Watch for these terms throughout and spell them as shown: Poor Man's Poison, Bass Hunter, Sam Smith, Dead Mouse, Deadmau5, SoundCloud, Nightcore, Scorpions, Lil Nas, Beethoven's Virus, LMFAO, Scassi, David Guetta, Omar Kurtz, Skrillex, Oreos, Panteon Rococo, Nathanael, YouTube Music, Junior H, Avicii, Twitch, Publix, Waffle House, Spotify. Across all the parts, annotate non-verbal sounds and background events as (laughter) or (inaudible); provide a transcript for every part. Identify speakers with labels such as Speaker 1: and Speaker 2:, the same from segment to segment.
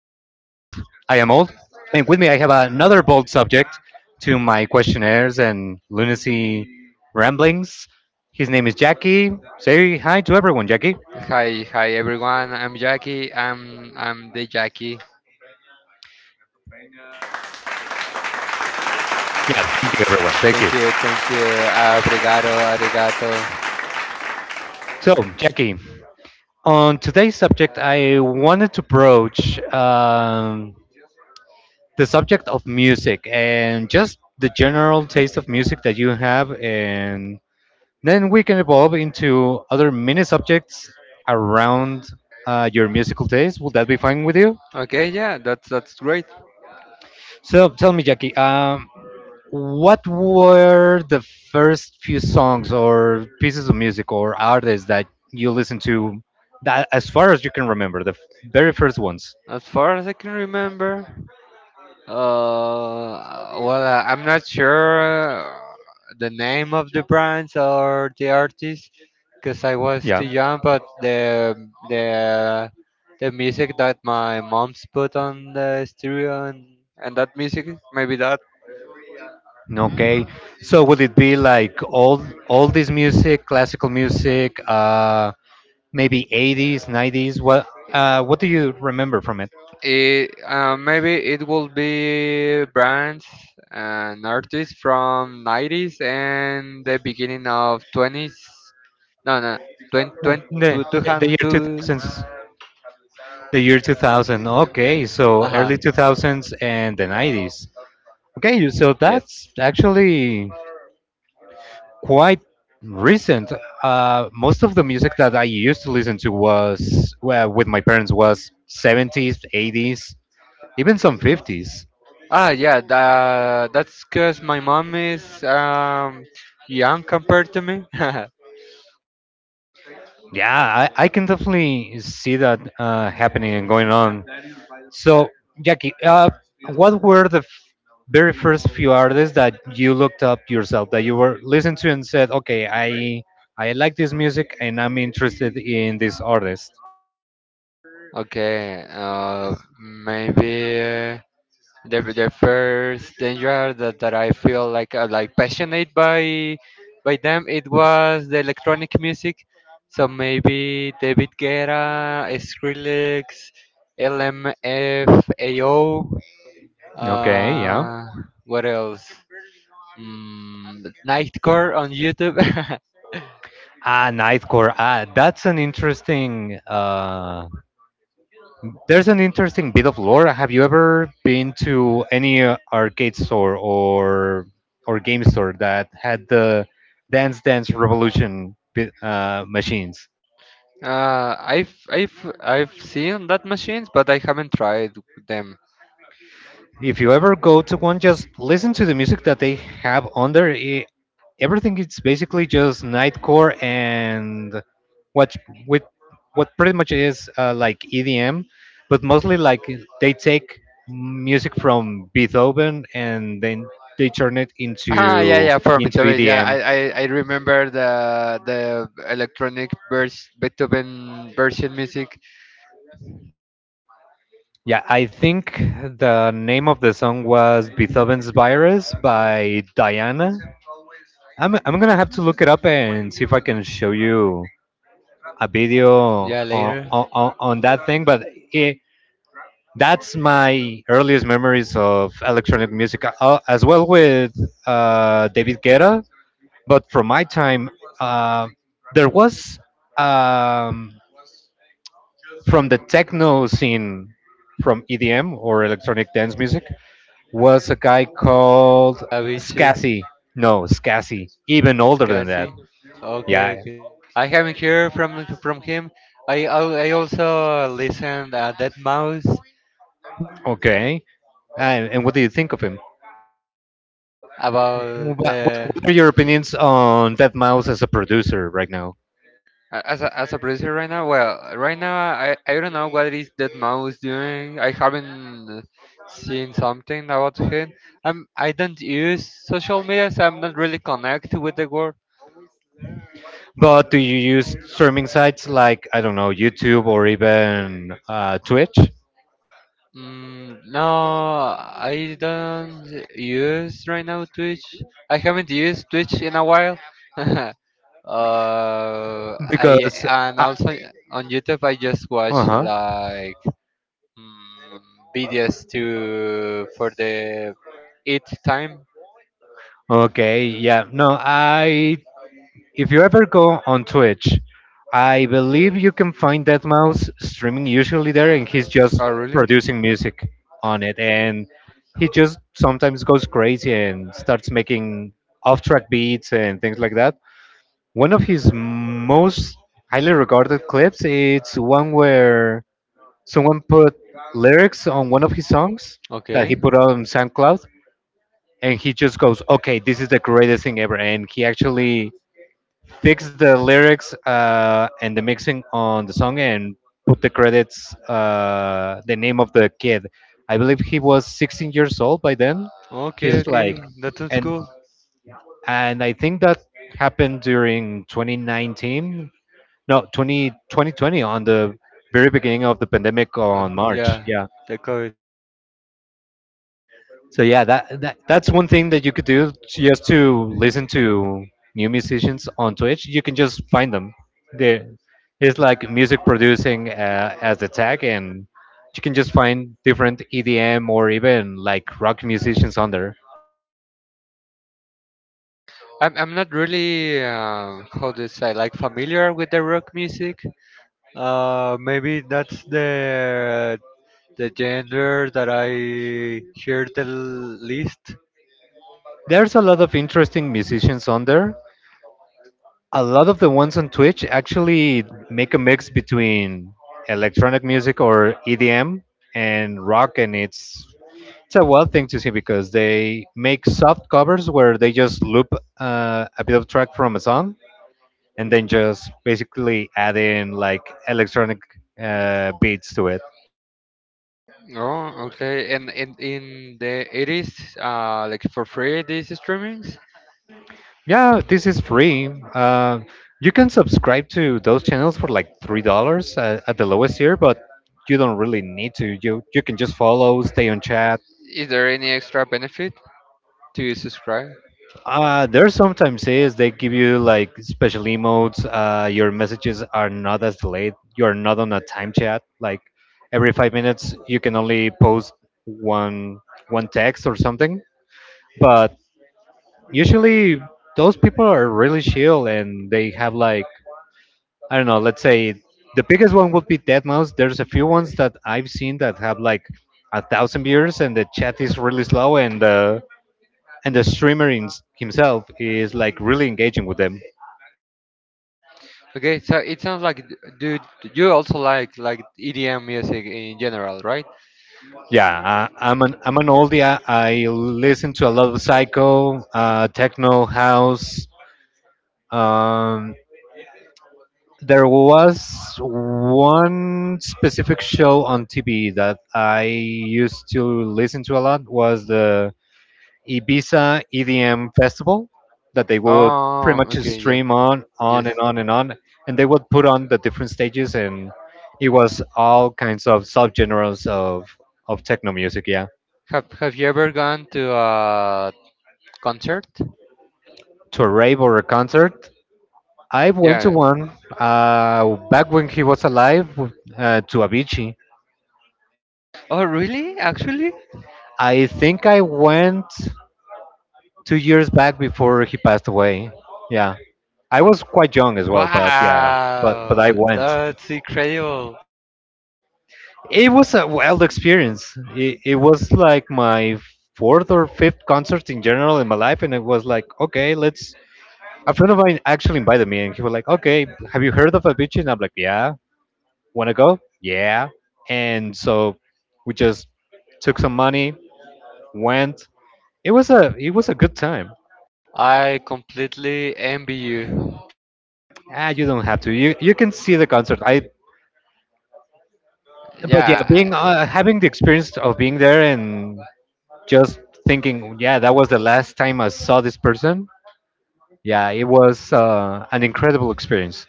Speaker 1: Old, and with me I have another bold subject to my questionnaires and lunacy ramblings. His name is Jackie. Say hi to everyone, Jackie.
Speaker 2: Hi, hi everyone. I'm Jackie. I'm the Jackie.
Speaker 1: Yeah, thank you everyone. Thank you.
Speaker 2: Thank you, thank you. Obrigado, arigato.
Speaker 1: So, Jackie, on today's subject, I wanted to broach the subject of music and just the general taste of music that you have. And then we can evolve into other mini subjects around your musical taste. Will that be fine with you?
Speaker 2: Okay, yeah, that's great.
Speaker 1: So tell me, Jackie, what were the first few songs or pieces of music or artists that you listened to that, as far as you can remember, very first ones?
Speaker 2: As far as I can remember, well, I'm not sure, the name of the brands or the artists, because I was too
Speaker 1: Yeah.
Speaker 2: young. But the the music that my mom's put on the stereo, and that music, maybe that.
Speaker 1: Okay. So would it be like all this music, classical music, maybe 80s, 90s? What do you remember from it?
Speaker 2: Maybe it will be brands and artists from 90s and the beginning of 20s. No, no, 20,
Speaker 1: Oh,
Speaker 2: 20,
Speaker 1: the,
Speaker 2: two, two,
Speaker 1: the year
Speaker 2: two.
Speaker 1: 2000s, the year 2000. Okay, so
Speaker 2: Uh-huh,
Speaker 1: early 2000s and the 90s. Okay, so that's
Speaker 2: yes.
Speaker 1: actually quite recent. Most of the music that I used to listen to was, well, with my parents, was 70s, 80s, even some 50s.
Speaker 2: Ah, yeah, that's because my mom is young compared to me. (laughs)
Speaker 1: Yeah, I can definitely see that happening and going on. So, Jackie, what were very first few artists that you looked up yourself, that you were listening to and said, "Okay, I like this music and I'm interested in this artist."
Speaker 2: Okay, maybe. The first danger that I feel like passionate by them, it was the electronic music. So maybe David Guetta, Skrillex, LMFAO,
Speaker 1: Okay, yeah.
Speaker 2: uh, what else? Nightcore on YouTube.
Speaker 1: Ah, Nightcore. Ah, that's an interesting. There's an interesting bit of lore. Have you ever been to any arcade store or game store that had the Dance Dance Revolution machines?
Speaker 2: (laughs) I've seen that machines, but I haven't tried them.
Speaker 1: If you ever go to one, just listen to the music that they have on there. Everything is basically just nightcore and what with what pretty much is like EDM, but mostly like they take music from Beethoven and then they turn it
Speaker 2: Ah, yeah, yeah, from
Speaker 1: into
Speaker 2: Beethoven. Yeah, I,
Speaker 1: EDM.
Speaker 2: I, I remember the electronic Beethoven version music.
Speaker 1: Yeah, I think the name of the song was Beethoven's Virus by Diana. I'm gonna have to look it up and see if I can show you a video
Speaker 2: Yeah, later.
Speaker 1: on that thing, but it, that's my earliest memories of electronic music, as well with David Guetta. But from my time, uh, there was, um, from the techno scene, from EDM or electronic dance music, was a guy called
Speaker 2: Avicii,
Speaker 1: Scassi. No, Scassi, even older than that.
Speaker 2: Scassi. Okay,
Speaker 1: Yeah.
Speaker 2: okay. I haven't heard from him. I also listened, Dead Mouse
Speaker 1: Okay. And what do you think of him?
Speaker 2: about
Speaker 1: What
Speaker 2: the.
Speaker 1: are your opinions on Dead Mouse as a producer right now?
Speaker 2: As a producer right now, well, right now I don't know what it is that Mao is doing. I haven't seen something about him. I don't use social media, so I'm not really connected with the world.
Speaker 1: But do you use streaming sites like, I don't know, YouTube or even Twitch?
Speaker 2: No, I don't use right now Twitch. I haven't used Twitch in a while. (laughs) uh, I
Speaker 1: Because
Speaker 2: and
Speaker 1: uh
Speaker 2: also on YouTube I just watch
Speaker 1: huh.
Speaker 2: like. Mm, BDS to for the eight time.
Speaker 1: Okay, yeah. No, I, if you ever go on Twitch, I believe you can find Dead Mouse streaming usually there, and he's just
Speaker 2: Oh, really?
Speaker 1: producing music on it, and he just sometimes goes crazy and starts making off-track beats and things like that. One of his most highly regarded clips is one where someone put lyrics on one of his songs that he
Speaker 2: Okay.
Speaker 1: put on SoundCloud, and he just goes, "Okay, this is the greatest thing ever," and he actually fixed the lyrics and the mixing on the song and put the credits, the name of the kid. I believe he was 16 years old by then.
Speaker 2: Okay,
Speaker 1: He's like,
Speaker 2: okay. That sounds
Speaker 1: and
Speaker 2: cool.
Speaker 1: and I think that happened during 2019, no, 2020 20 on the very beginning of the pandemic on March.
Speaker 2: Yeah,
Speaker 1: Yeah.
Speaker 2: they call it.
Speaker 1: So yeah, that, that that's one thing that you could do just to listen to new musicians on Twitch. You can just find them. There, it's like music producing as the tag, and you can just find different EDM or even like rock musicians on there.
Speaker 2: I'm not really, how to say, like familiar with the rock music. Maybe that's the genre that I hear the least.
Speaker 1: There's a lot of interesting musicians on there, a lot of the ones on Twitch actually make a mix between electronic music or EDM and rock, and it's a wild thing to see because they make soft covers where they just loop a bit of track from a song and then just basically add in like electronic beats to it.
Speaker 2: Oh, okay. And in the 80s, like for free, these streamings,
Speaker 1: Yeah, this is free. Uh, you can subscribe to those channels for like $3 at the lowest tier, but you don't really need to. You can just follow, stay on chat.
Speaker 2: is there any extra benefit, to you subscribe?
Speaker 1: There sometimes is, they give you like special emotes. Your messages are not as delayed. You are not on a time chat. Like every 5 minutes, you can only post one one text or something. But usually, those people are really chill and they have like, I don't know. Let's say the biggest one would be Deadmau5. There's a few ones that I've seen that have like a thousand viewers and the chat is really slow and the streamer in, himself is like really engaging with them.
Speaker 2: Okay, so it sounds like, do you also like EDM music in general, right?
Speaker 1: Yeah, I'm an I'm an oldie. I listen to a lot of psycho, techno, house. Um, there was one specific show on TV that I used to listen to a lot was the Ibiza EDM festival that they would pretty
Speaker 2: Oh,
Speaker 1: much
Speaker 2: okay, yeah,
Speaker 1: stream on
Speaker 2: yes.
Speaker 1: and on and on, and they would put on the different stages and it was all kinds of subgenres of techno music. Yeah.
Speaker 2: Have you ever gone to a concert?
Speaker 1: To a rave or a concert. I went
Speaker 2: Yeah,
Speaker 1: to
Speaker 2: yeah.
Speaker 1: one back when he was alive, to Avicii.
Speaker 2: Oh, really? Actually?
Speaker 1: I think I went 2 years back before he passed away. Yeah, I was quite young as well, but yeah, but I
Speaker 2: Wow,
Speaker 1: went.
Speaker 2: that's incredible.
Speaker 1: It was a wild experience. It was like my fourth or fifth concert in general in my life, and it was like, okay, let's. A friend of mine actually invited me, and he was like, okay, have you heard of Avicii? And I'm like, yeah. Want to go? Yeah. And so we just took some money, went. It was a good time.
Speaker 2: I completely envy you.
Speaker 1: Ah, you don't have to. You can see the concert. I, but yeah,
Speaker 2: Yeah.
Speaker 1: being having the experience of being there and just thinking, yeah, that was the last time I saw this person. Yeah, it was an incredible experience.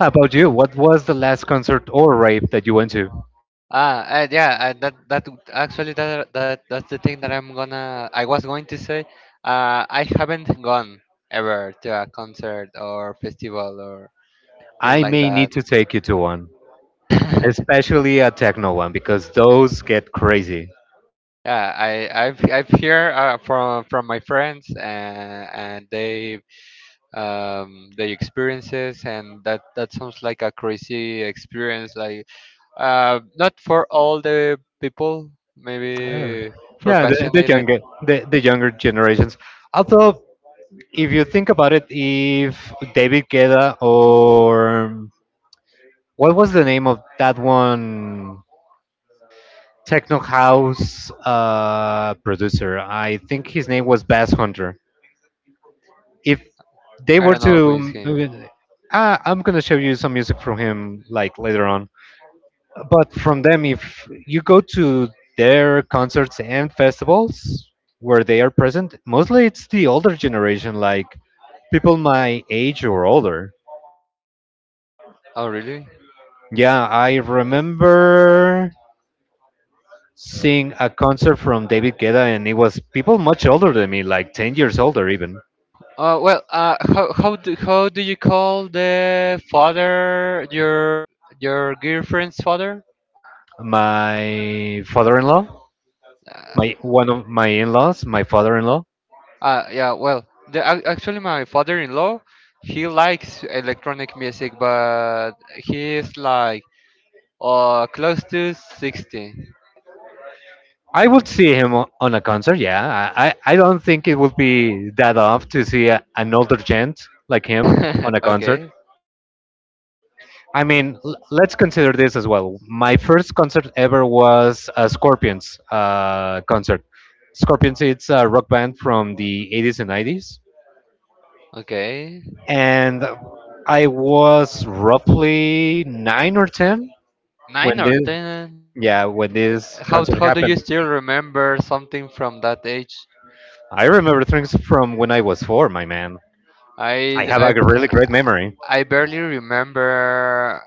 Speaker 1: How about you? What was the last concert or rave that you went to?
Speaker 2: Yeah, that's the thing that I was going to say. I haven't gone ever to a concert or festival or thing
Speaker 1: I
Speaker 2: like
Speaker 1: may
Speaker 2: that.
Speaker 1: need to take you to one,
Speaker 2: (laughs)
Speaker 1: especially a techno one, because those get crazy.
Speaker 2: yeah, I've hear, from my friends, and they, the experiences, and that sounds like a crazy experience, like not for all the people,
Speaker 1: Yeah,
Speaker 2: maybe for
Speaker 1: yeah, the, the
Speaker 2: passionate.
Speaker 1: younger the, the younger generations. Although, if you think about it, if David Guetta or what was the name of that one techno house producer? I think his name was Bass Hunter. If they
Speaker 2: I
Speaker 1: were
Speaker 2: don't know who is
Speaker 1: to,
Speaker 2: him.
Speaker 1: I'm gonna show you some music from him like later on. But from them, if you go to their concerts and festivals where they are present, mostly it's the older generation, like people my age or older.
Speaker 2: Oh, really?
Speaker 1: Yeah, I remember seeing a concert from David Guetta, and it was people much older than me, like 10 years older even.
Speaker 2: Oh, well, how do you call the father, your girlfriend's father?
Speaker 1: My father in law,
Speaker 2: Uh,
Speaker 1: my one of my in laws, my father in law,
Speaker 2: yeah. Well, actually my father-in-law, he likes electronic music, but he's like, close to 60.
Speaker 1: I would see him on a concert. Yeah, I don't think it would be that off to see a, an older gent like him on a
Speaker 2: (laughs)
Speaker 1: concert.
Speaker 2: okay.
Speaker 1: I mean, let's consider this as well. My first concert ever was a Scorpions concert. Scorpions, it's a rock band from the 80s and 90s,
Speaker 2: Okay.
Speaker 1: and I was roughly nine or ten
Speaker 2: Nine
Speaker 1: when
Speaker 2: or
Speaker 1: this
Speaker 2: ten.
Speaker 1: yeah when this
Speaker 2: How
Speaker 1: concert
Speaker 2: how do you
Speaker 1: happened.
Speaker 2: still remember something from that age?
Speaker 1: I remember things from when I was four, my man. I
Speaker 2: I
Speaker 1: have
Speaker 2: I
Speaker 1: a really great memory.
Speaker 2: I barely remember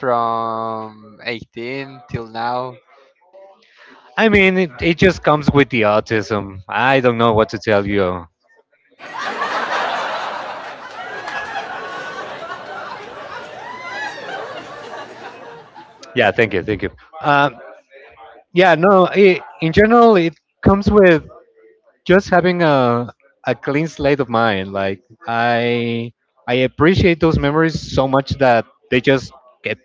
Speaker 2: from 18 till now.
Speaker 1: I mean, it just comes with the autism. I don't know what to tell you. Yeah, thank you, thank you. Um, yeah, no, it, in general, it comes with just having a clean slate of mind. Like I I appreciate those memories so much that they just get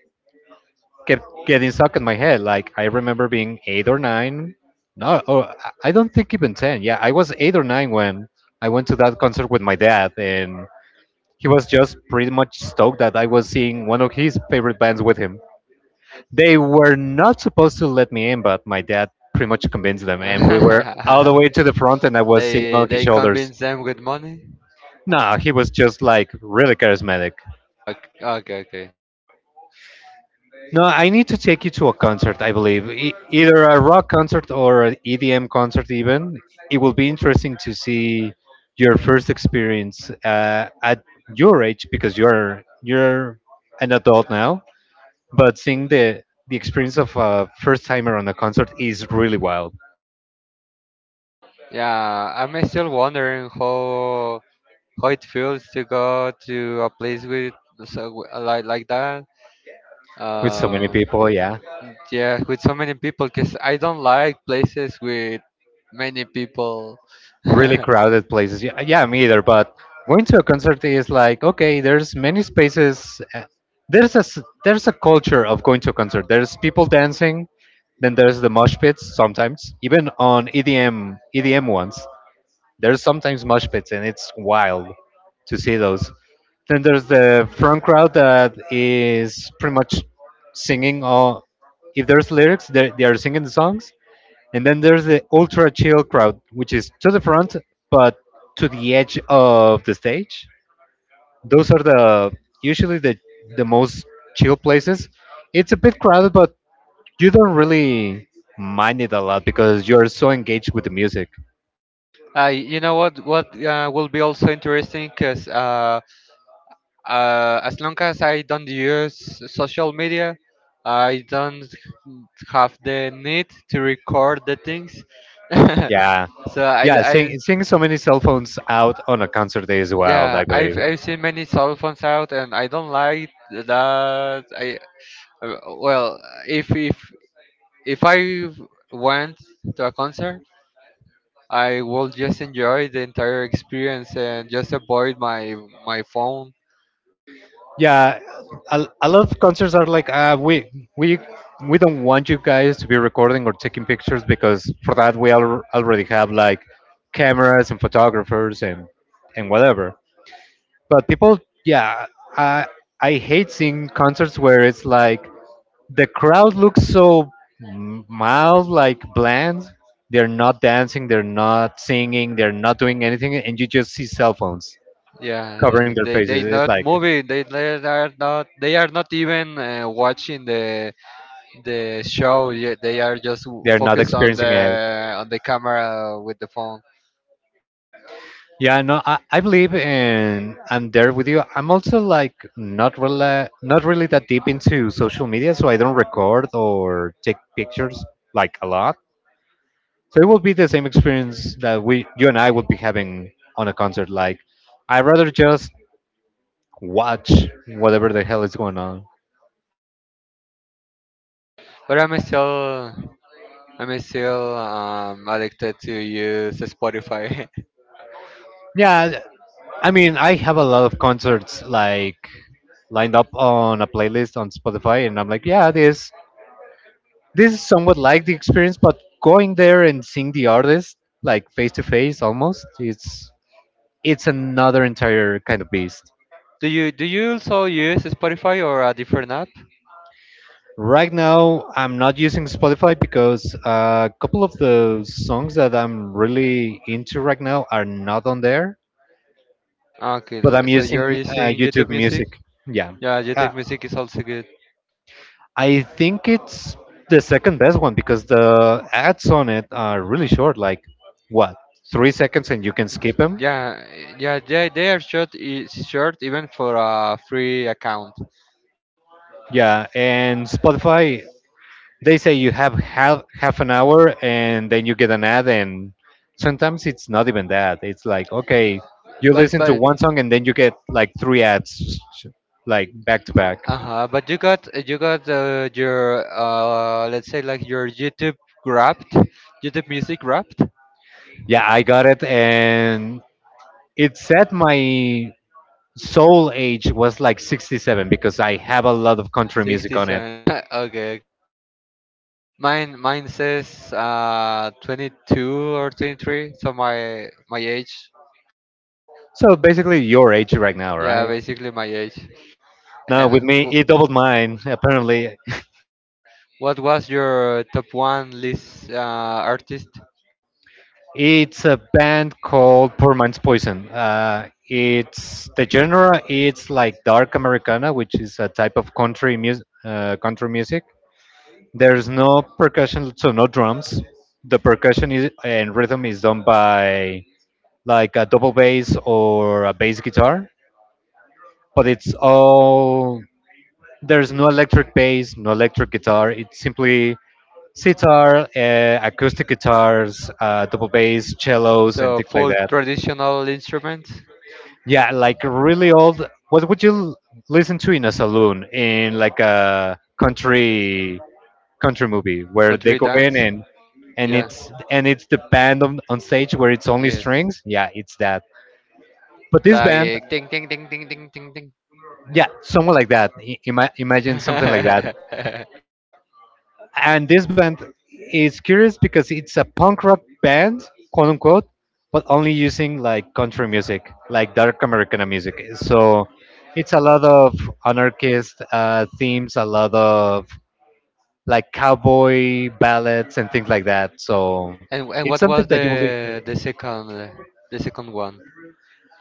Speaker 1: kept getting stuck in my head. Like I remember being eight or nine. No, oh, I don't think even ten. Yeah, I was eight or nine when I went to that concert with my dad, and he was just pretty much stoked that I was seeing one of his favorite bands with him. They were not supposed to let me in, but my dad pretty much convinced them, and we were all the
Speaker 2: (laughs)
Speaker 1: way to the front, and I was sitting
Speaker 2: they
Speaker 1: on his
Speaker 2: they
Speaker 1: shoulders.
Speaker 2: convince them with money.
Speaker 1: Nah, he was just like really charismatic.
Speaker 2: Okay, okay, okay.
Speaker 1: No, I need to take you to a concert, I believe. Either a rock concert or an EDM concert, even. It will be interesting to see your first experience at your age because you're an adult now. But seeing the experience of a first timer on a concert is really wild
Speaker 2: Yeah, I'm still wondering how it feels to go to a place with so, like that.
Speaker 1: with so many
Speaker 2: Uh,
Speaker 1: people. Yeah,
Speaker 2: yeah, with so many people, cause I don't like places with many people. (laughs)
Speaker 1: really
Speaker 2: uh,
Speaker 1: crowded places. Yeah, yeah, me either. But going to a concert is like, okay, there's many spaces. There's there's a culture of going to a concert. There's people dancing. Then there's the mosh pits sometimes, even on EDM ones. There's sometimes mosh pits, and it's wild to see those. Then there's the front crowd that is pretty much singing all. If there's lyrics, they are singing the songs. And then there's the ultra chill crowd, which is to the front but to the edge of the stage. Those are the usually the most chill places. It's a bit crowded, but you don't really mind it a lot because you're so engaged with the music.
Speaker 2: you know what? What, will be also interesting, cause. Uh, as long as I don't use social media, I don't have the need to record the things.
Speaker 1: Yeah.
Speaker 2: (laughs) so
Speaker 1: Yeah, seeing so many cell phones out on a concert day is wild,
Speaker 2: yeah,
Speaker 1: I believe.
Speaker 2: I've seen many cell phones out, and I don't like that. I Well, if if if I went to a concert, I will just enjoy the entire experience and just avoid my phone.
Speaker 1: Yeah, a lot of concerts are like, we we don't want you guys to be recording or taking pictures because for that we already have like cameras and photographers and whatever. But people, yeah, I I hate seeing concerts where it's like the crowd looks so mild, like bland. They're not dancing, they're not singing, they're not doing anything, and you just see cell phones
Speaker 2: Yeah, they
Speaker 1: covering their
Speaker 2: they they
Speaker 1: faces. It's
Speaker 2: not
Speaker 1: like
Speaker 2: movie. They are not even watching the show. They are just
Speaker 1: they're not
Speaker 2: focused on
Speaker 1: experiencing
Speaker 2: the
Speaker 1: it.
Speaker 2: on the camera with the phone.
Speaker 1: Yeah, no, I believe, and I'm there with you. I'm also like not really, not really that deep into social media, so I don't record or take pictures like a lot. So it will be the same experience that we, you and I, would be having on a concert. Like I rather just watch whatever the hell is going on.
Speaker 2: But I'm still addicted to use Spotify.
Speaker 1: Yeah, I mean, I have a lot of concerts like lined up on a playlist on Spotify, and I'm like, yeah, this is somewhat like the experience, but going there and seeing the artist like face to face almost, it's another entire kind of beast.
Speaker 2: (laughs) do you also use Spotify or a different app?
Speaker 1: Right now, I'm not using Spotify because a couple of the songs that I'm really into right now are not on there,
Speaker 2: Okay,
Speaker 1: but I'm
Speaker 2: so
Speaker 1: using
Speaker 2: you're using
Speaker 1: YouTube
Speaker 2: YouTube Music.
Speaker 1: Music. Yeah.
Speaker 2: Yeah,
Speaker 1: Uh,
Speaker 2: YouTube Music is also good.
Speaker 1: I think it's the second best one because the ads on it are really short, like what, 3 seconds, and you can skip them.
Speaker 2: Yeah, yeah, they are short, short even for a free account.
Speaker 1: Yeah, and Spotify, they say you have half an hour, and then you get an ad, and sometimes it's not even that. It's like okay, you
Speaker 2: But
Speaker 1: listen to
Speaker 2: but
Speaker 1: one song, and then you get like three ads, like back to back.
Speaker 2: uh-huh, but you got, your, let's say, like your YouTube wrapped, YouTube music wrapped.
Speaker 1: Yeah, I got it, and it set my Soul Age was like 67 because I have a lot of country music on it.
Speaker 2: 67. (laughs) okay. Mine says 22 or 23, so my age.
Speaker 1: So basically, your age right now,
Speaker 2: Yeah,
Speaker 1: right?
Speaker 2: basically my age.
Speaker 1: No, with
Speaker 2: And,
Speaker 1: me,
Speaker 2: w
Speaker 1: it doubled mine, apparently.
Speaker 2: what was your top one list artist?
Speaker 1: It's a band called Poor Man's Poison. It's the genre, it's like dark Americana, which is a type of country music. There's no percussion, so no drums. The percussion is, and rhythm is done by like a double bass or a bass guitar, but it's all. There's no electric bass, no electric guitar. It's simply sitar, acoustic guitars, double bass, cellos, and
Speaker 2: So
Speaker 1: things like
Speaker 2: full
Speaker 1: that.
Speaker 2: traditional instruments,
Speaker 1: Yeah, like really old. What would you listen to in a saloon in like a country movie where they
Speaker 2: country
Speaker 1: go in
Speaker 2: dance.
Speaker 1: and and
Speaker 2: Yeah,
Speaker 1: it's and it's the band on stage where it's only
Speaker 2: yes.
Speaker 1: strings? Yeah, it's that. But this band,
Speaker 2: Like ting ting ting ting ting ting ting.
Speaker 1: yeah, someone like that.
Speaker 2: (laughs)
Speaker 1: Imagine something like that.
Speaker 2: and
Speaker 1: And this band is curious because it's a punk rock band, quote unquote, but only using like country music, like dark Americana music. So it's a lot of anarchist themes, a lot of like cowboy ballads and things like that. So
Speaker 2: and
Speaker 1: it's
Speaker 2: what
Speaker 1: something
Speaker 2: was
Speaker 1: that you will.
Speaker 2: the second, one?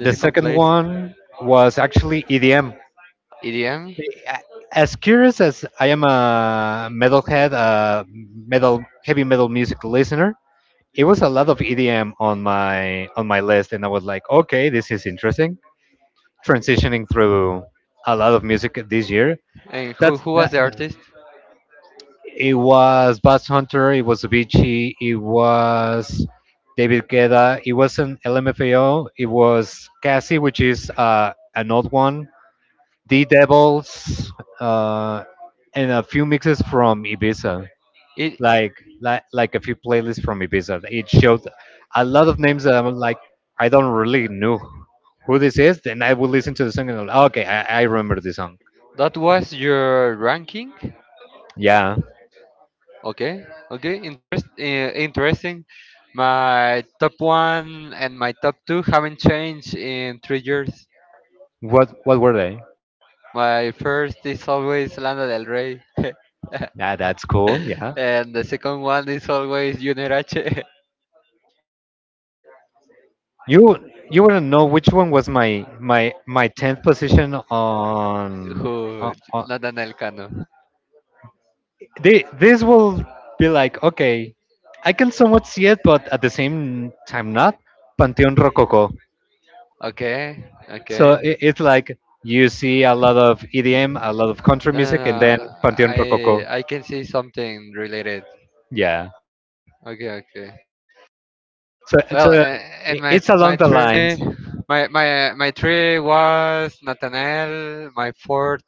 Speaker 2: The
Speaker 1: The
Speaker 2: second
Speaker 1: second
Speaker 2: place?
Speaker 1: one was actually EDM.
Speaker 2: EDM?
Speaker 1: As curious as I am a metalhead, a metal heavy metal music listener, it was a lot of EDM on my list, and I was like, okay, this is interesting. Transitioning through a lot of music this year.
Speaker 2: And who
Speaker 1: That's
Speaker 2: who was
Speaker 1: that,
Speaker 2: the artist?
Speaker 1: it was Bass Hunter, it was Avicii, it was David Guetta, it was an LMFAO, it was Cassie, which is an old one, The Devils, uh, and a few mixes from Ibiza.
Speaker 2: It
Speaker 1: like like a few playlists from Ibiza. It showed a lot of names that I'm like I don't really know who this is. Then I would listen to the song and I'm like, okay, I remember this song.
Speaker 2: That was your ranking?
Speaker 1: Yeah.
Speaker 2: Okay. Okay. Interesting. My top one and my top two haven't changed in 3 years.
Speaker 1: What were they?
Speaker 2: My first is always Lana Del Rey. (laughs)
Speaker 1: Yeah, that's cool. Yeah.
Speaker 2: And the second one is always Junior H. (laughs)
Speaker 1: You you wouldn't know which one was my tenth position on.
Speaker 2: who?
Speaker 1: on, on
Speaker 2: Nathan Elcano.
Speaker 1: they, this will be like okay, I can somewhat see it, but at the same time not. Panteon Rococo.
Speaker 2: Okay,
Speaker 1: So
Speaker 2: okay.
Speaker 1: it's like you see a lot of EDM, a lot of country
Speaker 2: No, no,
Speaker 1: music, and
Speaker 2: no.
Speaker 1: then Panteon
Speaker 2: I
Speaker 1: Rococo.
Speaker 2: I can see something related.
Speaker 1: Yeah.
Speaker 2: Okay, okay.
Speaker 1: So so
Speaker 2: Well, and my
Speaker 1: it's along
Speaker 2: my
Speaker 1: the
Speaker 2: three.
Speaker 1: lines.
Speaker 2: My three was Nathanael. My fourth,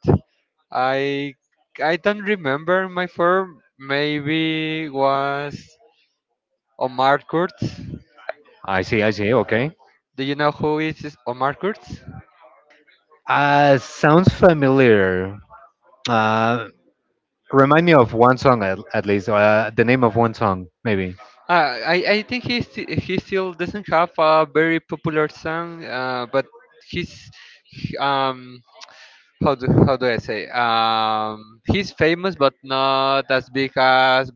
Speaker 2: I I don't remember. My fourth maybe was Omar Kurtz.
Speaker 1: I see. I see. Okay.
Speaker 2: Do you know who is this Omar Kurtz?
Speaker 1: Sounds familiar. Uh, Remind me of one song at least. The name of one song, maybe.
Speaker 2: I think he he still doesn't have a very popular song. But he's, he- um how do I say? He's famous, but not as big as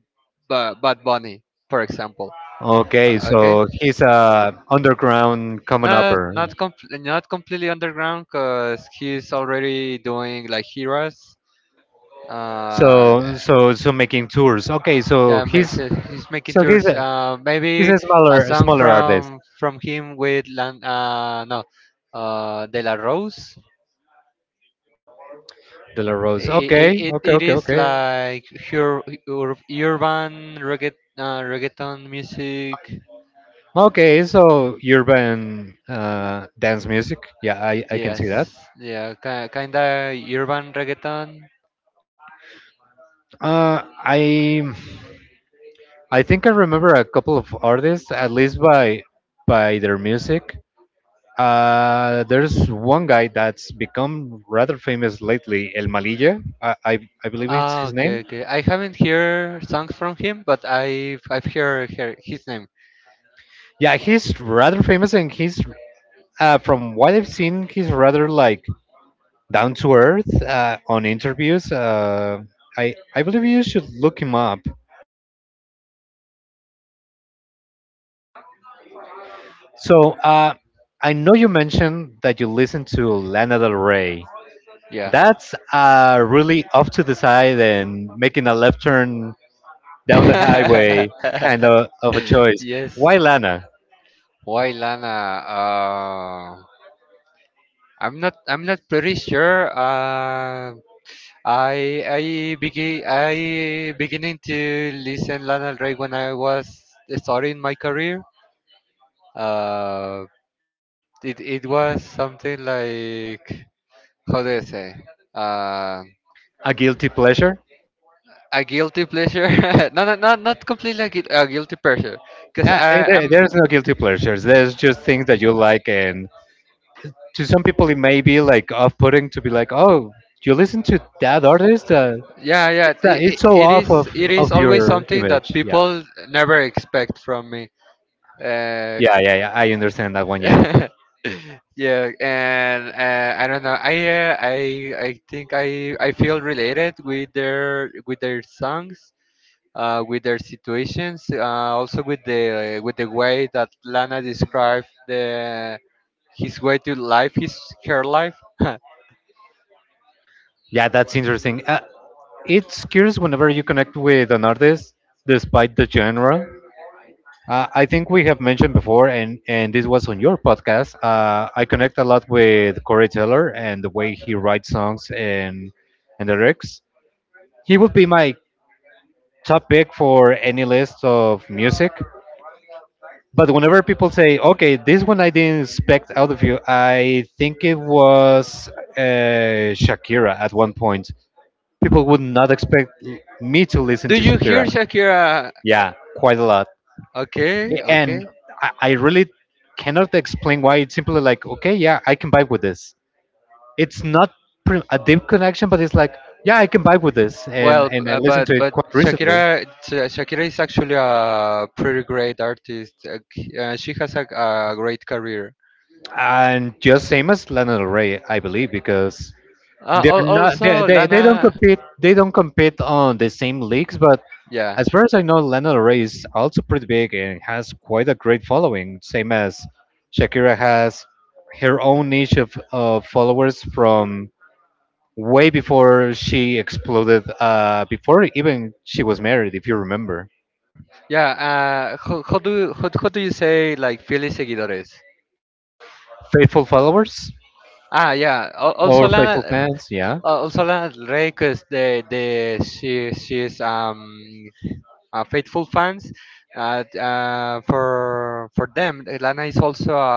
Speaker 2: Bad Bunny, for example.
Speaker 1: Okay.
Speaker 2: Okay,
Speaker 1: So he's a underground common
Speaker 2: not
Speaker 1: upper.
Speaker 2: not compl- not completely underground, cause he's already doing like heroes. Uh,
Speaker 1: So so so making tours. Okay.
Speaker 2: yeah, so he's making
Speaker 1: So
Speaker 2: tours.
Speaker 1: he's
Speaker 2: Maybe
Speaker 1: a
Speaker 2: a
Speaker 1: smaller
Speaker 2: song
Speaker 1: smaller artist.
Speaker 2: from him with Lan. No, De La Rose.
Speaker 1: De La Rose.
Speaker 2: it
Speaker 1: Okay.
Speaker 2: it,
Speaker 1: Okay.
Speaker 2: it
Speaker 1: Okay.
Speaker 2: is
Speaker 1: Okay.
Speaker 2: like, urban, reggaeton music.
Speaker 1: Okay, so urban dance music. Yeah, I can
Speaker 2: Yes,
Speaker 1: see that.
Speaker 2: yeah, kinda urban reggaeton.
Speaker 1: Uh, I I think I remember a couple of artists, at least by their music. There's one guy that's become rather famous lately, El Malilla. I believe it's
Speaker 2: Ah,
Speaker 1: his
Speaker 2: okay,
Speaker 1: name.
Speaker 2: okay. I haven't heard songs from him, but I've heard, his name.
Speaker 1: Yeah, he's rather famous, and he's from what I've seen, he's rather like down to earth on interviews. I believe you should look him up. So I know you mentioned that you listen to Lana Del Rey.
Speaker 2: Yeah.
Speaker 1: That's really off to the side and making a left turn down the highway kind
Speaker 2: (laughs)
Speaker 1: of a choice.
Speaker 2: yes.
Speaker 1: Why Lana?
Speaker 2: Why Lana? Uh, I'm not pretty sure. I I I beginning to listen Lana Del Rey when I was starting my career. Uh, it was something like, how do I say? Uh,
Speaker 1: A guilty pleasure?
Speaker 2: a guilty pleasure. (laughs) no, no, not completely a guilty pleasure. Cause
Speaker 1: Yeah, eh,
Speaker 2: I
Speaker 1: there,
Speaker 2: I'm
Speaker 1: there's no guilty pleasures. There's just things that you like, and to some people it may be like off-putting to be like, oh, you listen to that artist?
Speaker 2: yeah, yeah,
Speaker 1: It's
Speaker 2: it,
Speaker 1: it's
Speaker 2: it,
Speaker 1: so
Speaker 2: it
Speaker 1: off
Speaker 2: is it
Speaker 1: of
Speaker 2: is always
Speaker 1: your
Speaker 2: something
Speaker 1: image.
Speaker 2: that
Speaker 1: Yeah,
Speaker 2: people never expect from me. Uh,
Speaker 1: yeah, yeah, yeah. I understand that one. Yeah.
Speaker 2: (laughs) yeah, and I don't know. I think I feel related with their songs, with their situations, also with the way that Lana described the his way to life, his her life.
Speaker 1: Yeah, that's interesting. It's curious whenever you connect with an artist, despite the genre. I think we have mentioned before, and this was on your podcast. I connect a lot with Corey Taylor and the way he writes songs and the lyrics. He would be my top pick for any list of music. But whenever people say, "Okay, this one I didn't expect out of you," I think it was Shakira at one point. People would not expect me to
Speaker 2: (laughs)
Speaker 1: listen
Speaker 2: Do
Speaker 1: to
Speaker 2: you hear
Speaker 1: Shakira.
Speaker 2: Shakira?
Speaker 1: Yeah, quite a lot.
Speaker 2: Okay, okay.
Speaker 1: And I really cannot explain why. It's simply like, okay, yeah, I can vibe with this. It's not a deep connection, but it's like, yeah, I can vibe with this.
Speaker 2: Well, b-
Speaker 1: And I
Speaker 2: uh,
Speaker 1: listened to
Speaker 2: but
Speaker 1: it
Speaker 2: but
Speaker 1: quite recently.
Speaker 2: Shakira is actually a pretty great artist. She has a great career.
Speaker 1: And just same as Lana Del Rey, I believe, because they're not. They,
Speaker 2: Also,
Speaker 1: they they don't
Speaker 2: Lana,
Speaker 1: compete. They don't compete on the same leagues. But
Speaker 2: yeah,
Speaker 1: as far as I know, Lana Del Rey is also pretty big and has quite a great following. Same as Shakira has her own niche of followers from way before she exploded. Before even she was married, if you remember,
Speaker 2: yeah. How do you say like fieles seguidores?
Speaker 1: faithful followers
Speaker 2: Ah, yeah. Also,
Speaker 1: or faithful
Speaker 2: Lana,
Speaker 1: fans. Yeah,
Speaker 2: also Lana Del Rey, because the she's a faithful fans. For them, Lana is also a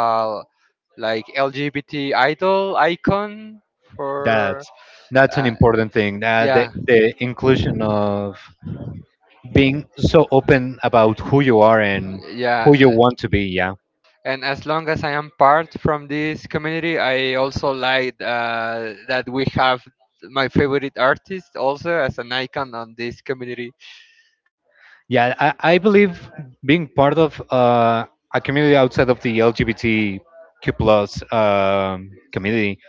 Speaker 2: like LGBT idol icon for,
Speaker 1: that's that's an
Speaker 2: uh,
Speaker 1: important thing. The
Speaker 2: yeah,
Speaker 1: the inclusion of being so open about who you are and who you
Speaker 2: yeah,
Speaker 1: want to be, yeah,
Speaker 2: and as long as I am part from this community, I also like, that we have my favorite artist also as an icon on this community.
Speaker 1: yeah, I believe being part of a community outside of the LGBTQ plus community,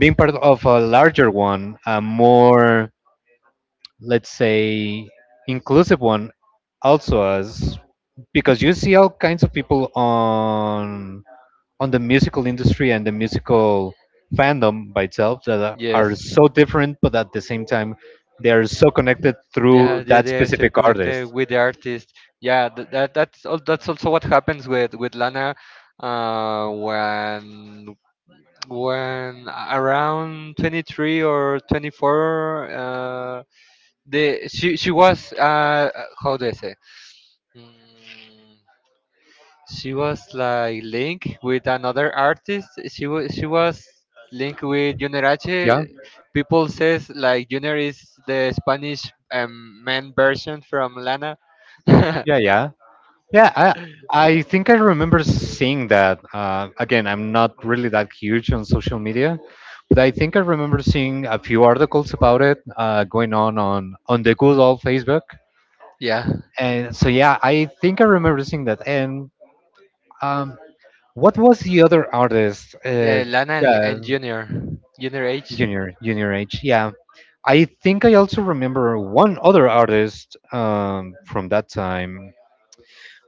Speaker 1: being part of a larger one, a more, let's say, inclusive one, also as, because you see all kinds of people on the musical industry and the musical fandom by itself that are
Speaker 2: Yes,
Speaker 1: so different, but at the same time, they are so connected through
Speaker 2: yeah, they
Speaker 1: that
Speaker 2: they are still
Speaker 1: specific artist.
Speaker 2: connected with the artist. Yeah, that's also what happens with Lana, when around 23 or 24, the she was, how do I say. Mm, she was like linked with another artist. She was linked with Junior H.
Speaker 1: Yeah,
Speaker 2: People says like Junior is the Spanish man version from Lana. (laughs) yeah,
Speaker 1: yeah, yeah, yeah. I think I remember seeing that. Again, I'm not really that huge on social media, but I think I remember seeing a few articles about it going on the good old Facebook.
Speaker 2: yeah,
Speaker 1: And so yeah, I think I remember seeing that. And um, what was the other artist?
Speaker 2: Lana and
Speaker 1: Yeah,
Speaker 2: and Junior, Junior H,
Speaker 1: Junior, Junior H. Yeah, I think I also remember one other artist from that time.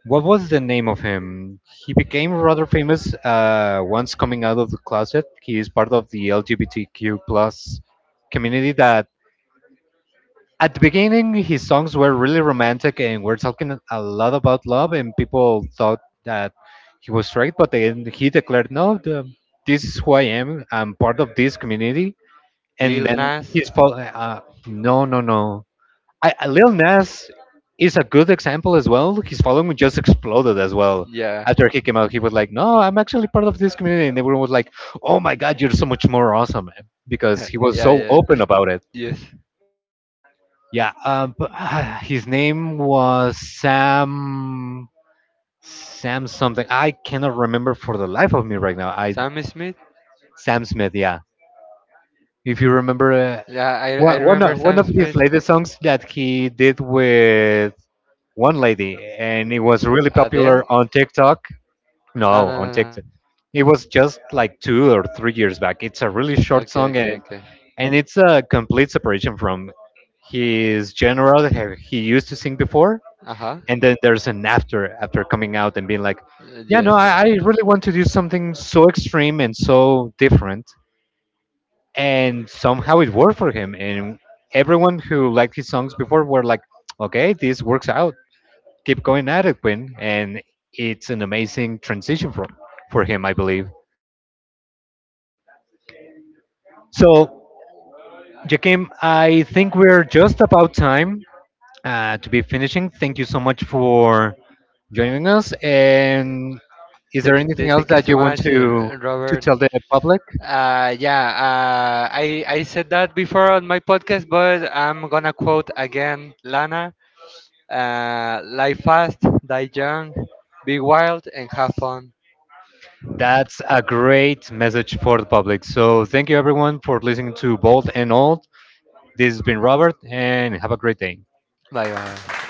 Speaker 1: What was the name of him? He became rather famous once coming out of the closet. He is part of the LGBTQ plus community that at the beginning his songs were really romantic and were talking a lot about love and people thought that he was straight but then he declared no, the, this is who I am, I'm part of this community and
Speaker 2: Lil
Speaker 1: then
Speaker 2: Nas.
Speaker 1: he's fall no no no I, I- Lil Nas is a good example as well, his following just exploded as well
Speaker 2: Yeah,
Speaker 1: after he came out, he was like no I'm actually part of this community and everyone was like oh my god you're so much more awesome man," because
Speaker 2: (laughs)
Speaker 1: he was
Speaker 2: yeah,
Speaker 1: so
Speaker 2: yeah.
Speaker 1: open about it.
Speaker 2: Yes,
Speaker 1: Yeah, his name was Sam something. I cannot remember for the life of me right now. I
Speaker 2: Sam Smith.
Speaker 1: Sam Smith. Yeah, if you remember
Speaker 2: Yeah, I remember
Speaker 1: one
Speaker 2: Sam
Speaker 1: of his
Speaker 2: Smith.
Speaker 1: latest songs that he did with one lady, and it was really popular
Speaker 2: Adele.
Speaker 1: on TikTok.
Speaker 2: No,
Speaker 1: No,
Speaker 2: no,
Speaker 1: on
Speaker 2: no, no.
Speaker 1: TikTok. It was just like 2 or 3 years back. It's a really short
Speaker 2: Okay,
Speaker 1: song,
Speaker 2: okay, okay.
Speaker 1: and it's a complete separation from his genre that he used to sing before
Speaker 2: Uh huh.
Speaker 1: and then there's an after after coming out and being like yeah no
Speaker 2: Yes.
Speaker 1: I really want to do something so extreme and so different and somehow it worked for him and everyone who liked his songs before were like okay this works out keep going at it Quinn and it's an amazing transition for him I believe. So Jakim, I think we're just about time to be finishing. Thank you so much for joining us. And is there
Speaker 2: Thank you,
Speaker 1: anything
Speaker 2: th-
Speaker 1: else
Speaker 2: thank you
Speaker 1: that
Speaker 2: so
Speaker 1: you want
Speaker 2: much,
Speaker 1: to
Speaker 2: Robert.
Speaker 1: tell the public?
Speaker 2: Yeah, I said that before on my podcast, but I'm gonna quote again Lana: "Life fast, die young, be wild, and have fun."
Speaker 1: That's a great message for the public. So thank you everyone for listening to Bold and Old. This has been Robert, and have a great day.
Speaker 2: Bye bye.